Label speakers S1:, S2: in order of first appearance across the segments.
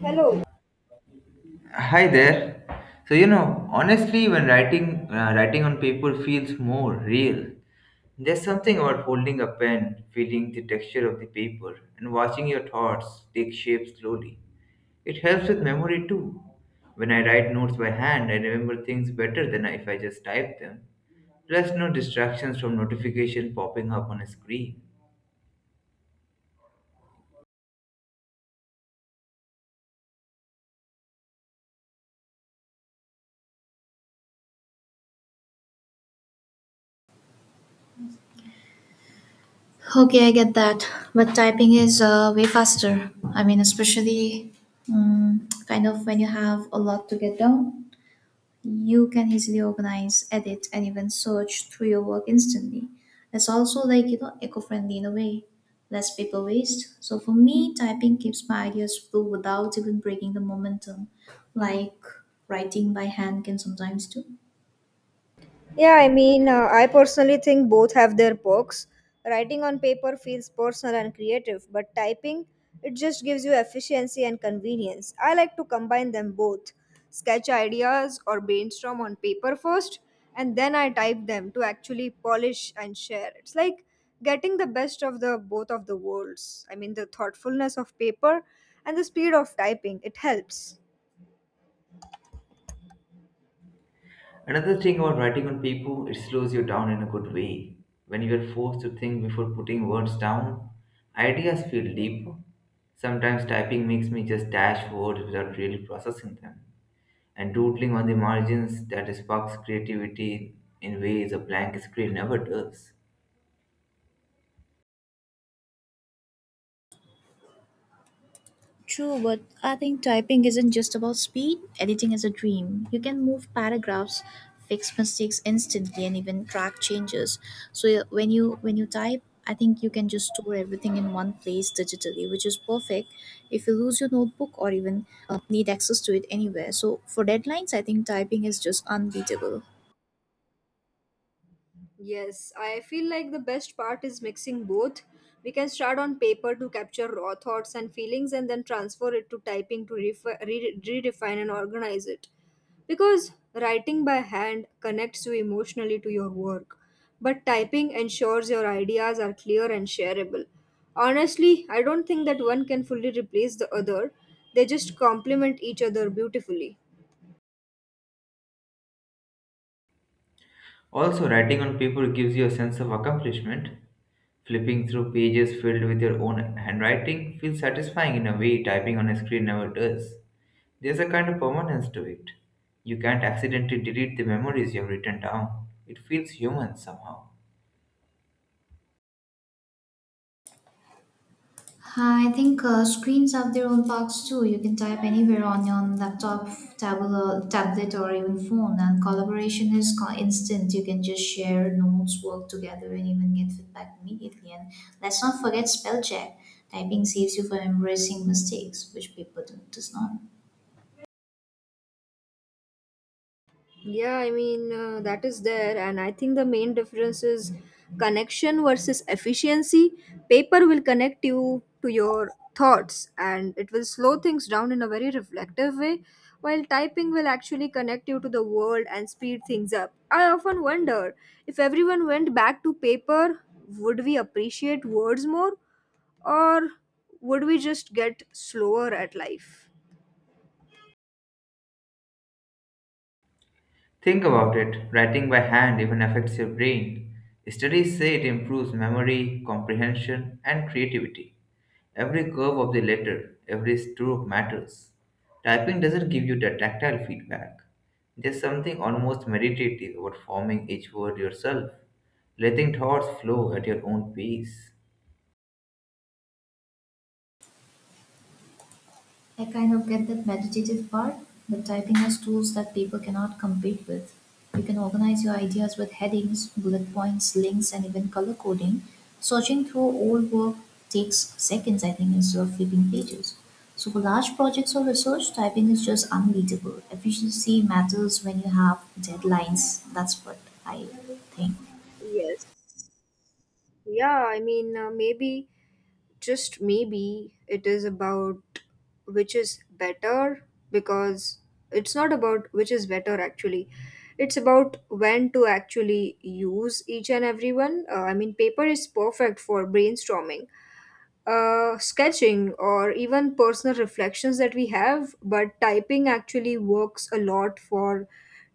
S1: Hello.
S2: Hi there. So honestly, when writing on paper feels more real. There's something about holding a pen, feeling the texture of the paper, and watching your thoughts take shape slowly. It helps with memory too. When I write notes by hand, I remember things better than if I just type them. Plus, no distractions from notification popping up on a screen.
S3: Okay, I get that, but typing is way faster. I mean, especially kind of when you have a lot to get done, you can easily organize, edit, and even search through your work instantly. It's also like eco-friendly in a way, less paper waste. So for me, typing keeps my ideas flow without even breaking the momentum, like writing by hand can sometimes do.
S1: Yeah, I mean, I personally think both have their perks. Writing on paper feels personal and creative, but typing, it just gives you efficiency and convenience. I like to combine them both. Sketch ideas or brainstorm on paper first, and then I type them to actually polish and share. It's like getting the best of the both of the worlds. I mean, the thoughtfulness of paper and the speed of typing, it helps.
S2: Another thing about writing on paper, it slows you down in a good way. When you are forced to think before putting words down, ideas feel deeper. Sometimes typing makes me just dash words without really processing them. And doodling on the margins that sparks creativity in ways a blank screen never does.
S3: True, but I think typing isn't just about speed. Editing is a dream. You can move paragraphs, fix mistakes instantly, and even track changes. So yeah, when you type, I think you can just store everything in one place digitally, which is perfect if you lose your notebook or even need access to it anywhere. So for deadlines, I think typing is just unbeatable.
S1: Yes, I feel like the best part is mixing both. We can start on paper to capture raw thoughts and feelings and then transfer it to typing to redefine and organize it. Because writing by hand connects you emotionally to your work, but typing ensures your ideas are clear and shareable. Honestly, I don't think that one can fully replace the other, they just complement each other beautifully.
S2: Also, writing on paper gives you a sense of accomplishment. Flipping through pages filled with your own handwriting feels satisfying in a way typing on a screen never does. There's a kind of permanence to it. You can't accidentally delete the memories you've written down. It feels human somehow.
S3: I think screens have their own parks too. You can type anywhere on your laptop, tablet, or even phone, and collaboration is instant. You can just share notes, work together, and even get feedback immediately. And let's not forget spell check. Typing saves you from embarrassing mistakes, which paper does not.
S1: Yeah, I mean, that is there. And I think the main difference is connection versus efficiency. Paper will connect you to your thoughts and it will slow things down in a very reflective way, while typing will actually connect you to the world and speed things up. I often wonder if everyone went back to paper, would we appreciate words more or would we just get slower at life?
S2: Think about it writing by hand even affects your brain. Studies say it improves memory, comprehension, and creativity. Every curve of the letter, every stroke matters. Typing doesn't give you the tactile feedback. There's something almost meditative about forming each word yourself, letting thoughts flow at your own pace.
S3: I kind of get that meditative part, but typing has tools that people cannot compete with. You can organize your ideas with headings, bullet points, links, and even color coding. Searching through old work takes seconds, I think, instead of flipping pages. So for large projects or research, typing is just unbeatable. Efficiency matters when you have deadlines. That's what I think.
S1: Yes. Yeah, I mean, maybe. Just maybe it is about which is better because it's not about which is better actually, it's about when to actually use each and every one. I mean paper is perfect for brainstorming, sketching or even personal reflections that we have, but typing actually works a lot for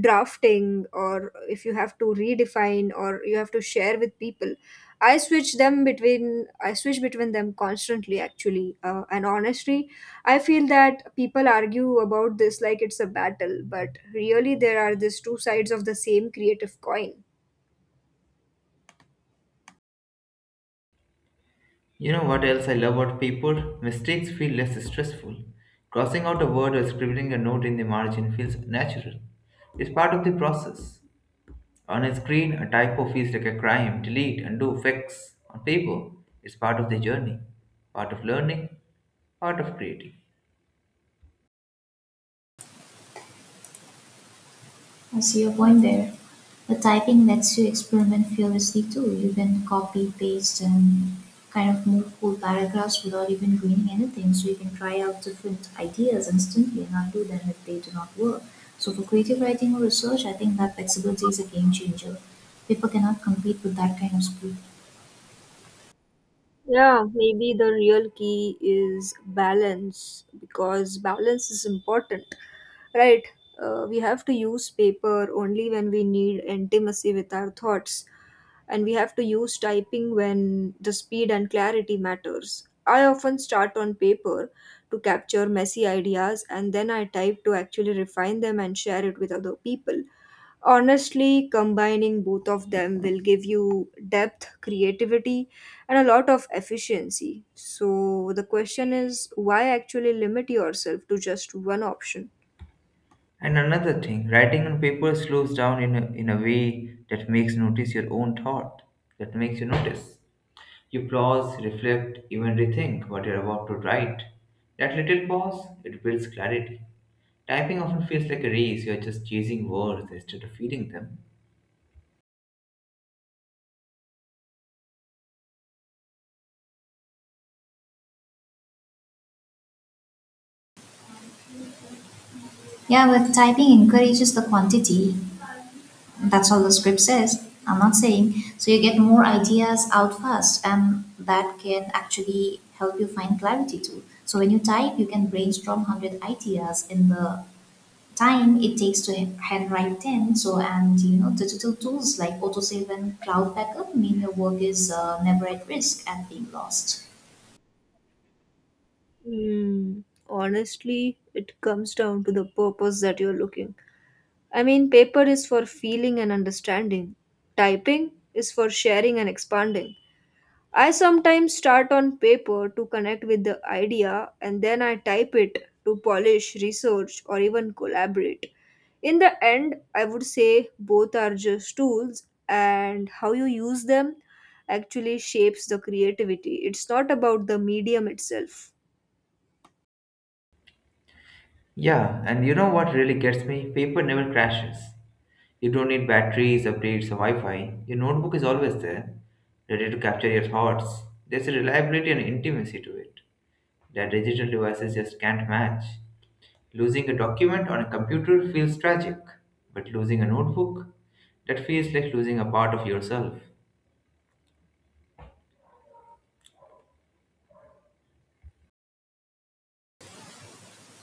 S1: drafting or if you have to redefine or you have to share with people. I switch between them constantly actually, and honestly I feel that people argue about this like it's a battle, but really there are these two sides of the same creative coin.
S2: You know what else I love about paper? Mistakes feel less stressful. Crossing out a word or scribbling a note in the margin feels natural. It's part of the process. On a screen, a typo feels like a crime. Delete, undo, fix. On paper, it's part of the journey, part of learning, part of creating.
S3: I see your point there. But typing lets you experiment fearlessly too. You can copy, paste, and kind of move whole paragraphs without even ruining anything. So you can try out different ideas instantly and undo them if they do not work. So for creative writing or research, I think that flexibility is a game changer. People cannot compete with that kind of speed.
S1: Yeah, maybe the real key is balance, because balance is important, right? We have to use paper only when we need intimacy with our thoughts, and we have to use typing when the speed and clarity matters. I often start on paper to capture messy ideas and then I type to actually refine them and share it with other people. Honestly, combining both of them will give you depth, creativity, and a lot of efficiency. So the question is, why actually limit yourself to just one option?
S2: And another thing, writing on paper slows down in a way that makes notice your own thought, that makes you notice. You pause, reflect, even rethink what you're about to write. That little pause, it builds clarity. Typing often feels like a race, you're just chasing words instead of feeling them.
S3: Yeah, but typing encourages the quantity. That's all the script says, I'm not saying. So you get more ideas out fast, and that can actually help you find clarity too. So when you type, you can brainstorm 100 ideas in the time it takes to handwrite 10. So, and digital tools like autosave and cloud backup mean your work is never at risk and being lost.
S1: Hmm. Honestly, it comes down to the purpose that you're looking. I mean, paper is for feeling and understanding, typing is for sharing and expanding. I sometimes start on paper to connect with the idea and then I type it to polish, research, or even collaborate. In the end, I would say both are just tools, and how you use them actually shapes the creativity. It's not about the medium itself.
S2: Yeah, and you know what really gets me? Paper never crashes. You don't need batteries, updates, or Wi Fi. Your notebook is always there, ready to capture your thoughts. There's a reliability and intimacy to it that digital devices just can't match. Losing a document on a computer feels tragic, but losing a notebook, that feels like losing a part of yourself.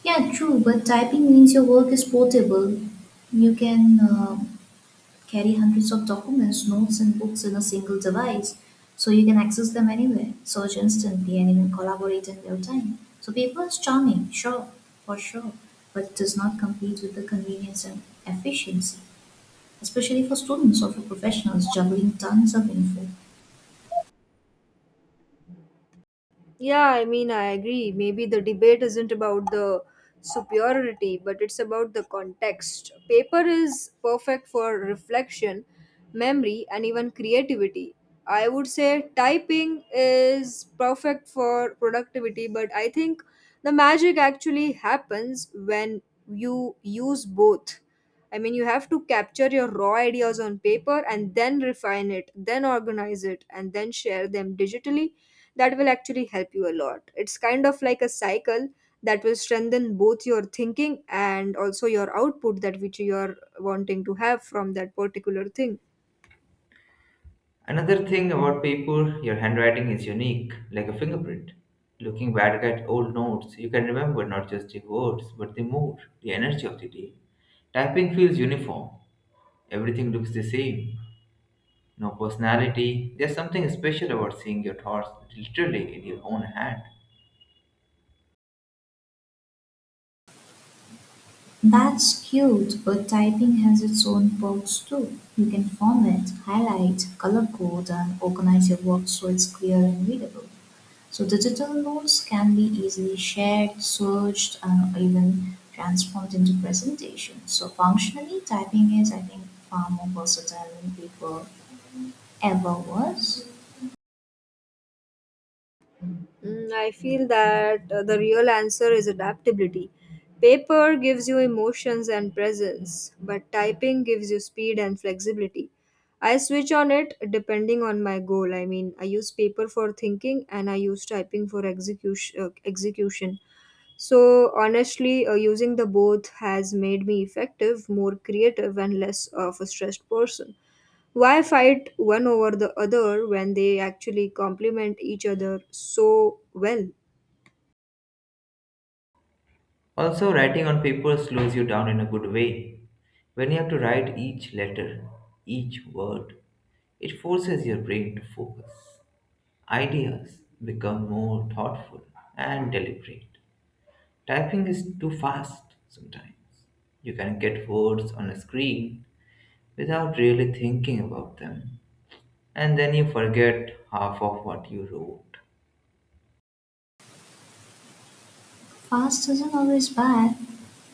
S3: Yeah, true, but typing means your work is portable. You can carry hundreds of documents, notes, and books in a single device. So you can access them anywhere, search instantly, and even collaborate in real time. So paper is charming, sure, for sure, but it does not compete with the convenience and efficiency, especially for students or for professionals juggling tons of info.
S1: Yeah, I mean, I agree. Maybe the debate isn't about the superiority, but it's about the context. Paper is perfect for reflection, memory, and even creativity. I would say typing is perfect for productivity, but I think the magic actually happens when you use both. I mean, you have to capture your raw ideas on paper and then refine it, then organize it, and then share them digitally. That will actually help you a lot. It's kind of like a cycle that will strengthen both your thinking and also your output that which you are wanting to have from that particular thing.
S2: Another thing about paper, your handwriting is unique, like a fingerprint. Looking back at old notes, you can remember not just the words, but the mood, the energy of the day. Typing feels uniform. Everything looks the same. No personality. There's something special about seeing your thoughts literally in your own hand.
S3: That's cute, but typing has its own perks too. You can format, highlight, color code, and organize your work so it's clear and readable. So digital notes can be easily shared, searched, and even transformed into presentations. So functionally, typing is, I think, far more versatile than paper ever was.
S1: Mm, I feel that the real answer is adaptability. Paper gives you emotions and presence, but typing gives you speed and flexibility. I switch on it depending on my goal. I mean, I use paper for thinking and I use typing for execution. So, honestly, using the both has made me effective, more creative, and less of a stressed person. Why fight one over the other when they actually complement each other so well?
S2: Also, writing on paper slows you down in a good way. When you have to write each letter, each word, it forces your brain to focus. Ideas become more thoughtful and deliberate. Typing is too fast sometimes. You can get words on a screen without really thinking about them, and then you forget half of what you wrote.
S3: Fast isn't always bad.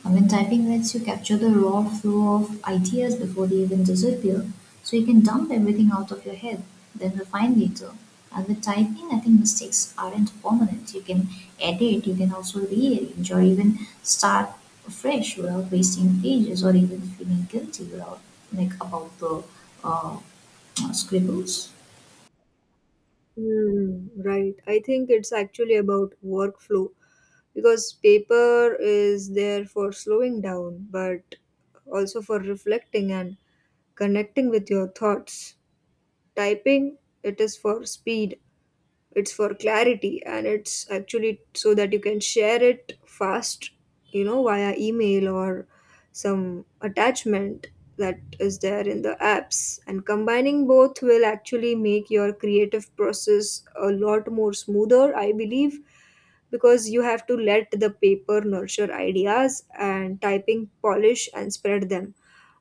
S3: I mean, typing lets you capture the raw flow of ideas before they even disappear, so you can dump everything out of your head, then refine later. And with typing, I think mistakes aren't permanent. You can edit, you can also rearrange, or even start fresh without wasting pages, or even feeling guilty without about the uh, scribbles.
S1: Hmm, right. I think it's actually about workflow, because paper is there for slowing down, but also for reflecting and connecting with your thoughts. Typing, it is for speed, it's for clarity, and it's actually so that you can share it fast, you know, via email or some attachment that is there in the apps. And combining both will actually make your creative process a lot more smoother, I believe, because you have to let the paper nurture ideas and typing polish and spread them.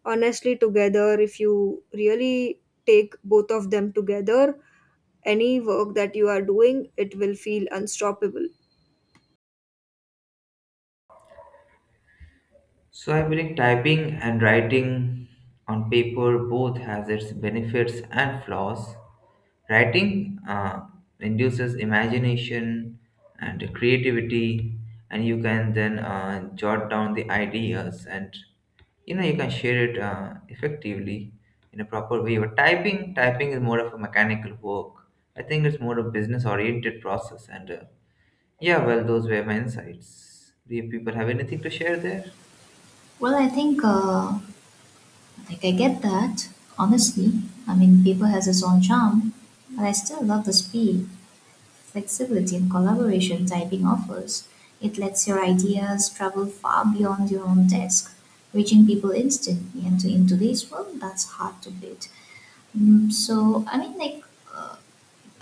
S1: Honestly, together, if you really take both of them together, any work that you are doing, it will feel unstoppable.
S2: So I believe typing and writing on paper both has its benefits and flaws. Writing induces imagination and creativity, and you can then jot down the ideas and you can share it effectively in a proper way. But typing, typing is more of a mechanical work. I think it's more of a business-oriented process. And Yeah, well, those were my insights. Do you people have anything to share there?
S3: Well, I think. Like, I get that, honestly. I mean, paper has its own charm, but I still love the speed, flexibility, and collaboration typing offers. It lets your ideas travel far beyond your own desk, reaching people instantly. And to, in today's world, that's hard to beat. So, I mean, uh,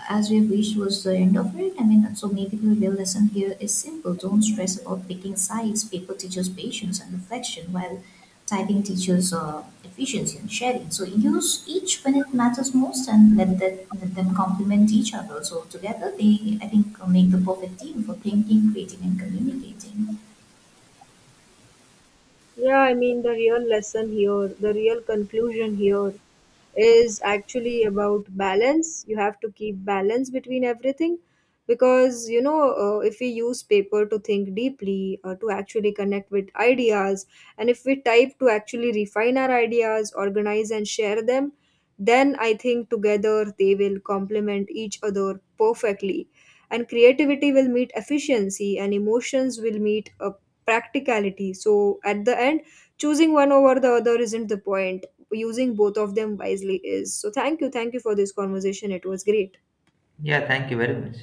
S3: as we have reached towards the end of it, I mean, so maybe the real lesson here is simple. Don't stress about picking sides. Paper teaches patience and reflection, while typing teaches efficiency and sharing. So use each when it matters most, and let them complement each other. So together, they, I think, make the perfect team for thinking, creating, and communicating.
S1: Yeah, I mean, the real lesson here, the real conclusion here is actually about balance. You have to keep balance between everything because, you know, if we use paper to think deeply or to actually connect with ideas, and if we type to actually refine our ideas, organize, and share them, then I think together they will complement each other perfectly. And creativity will meet efficiency, and emotions will meet a practicality. So at the end, choosing one over the other isn't the point. Using both of them wisely is. So thank you. Thank you for this conversation. It was great.
S2: Yeah, thank you very much.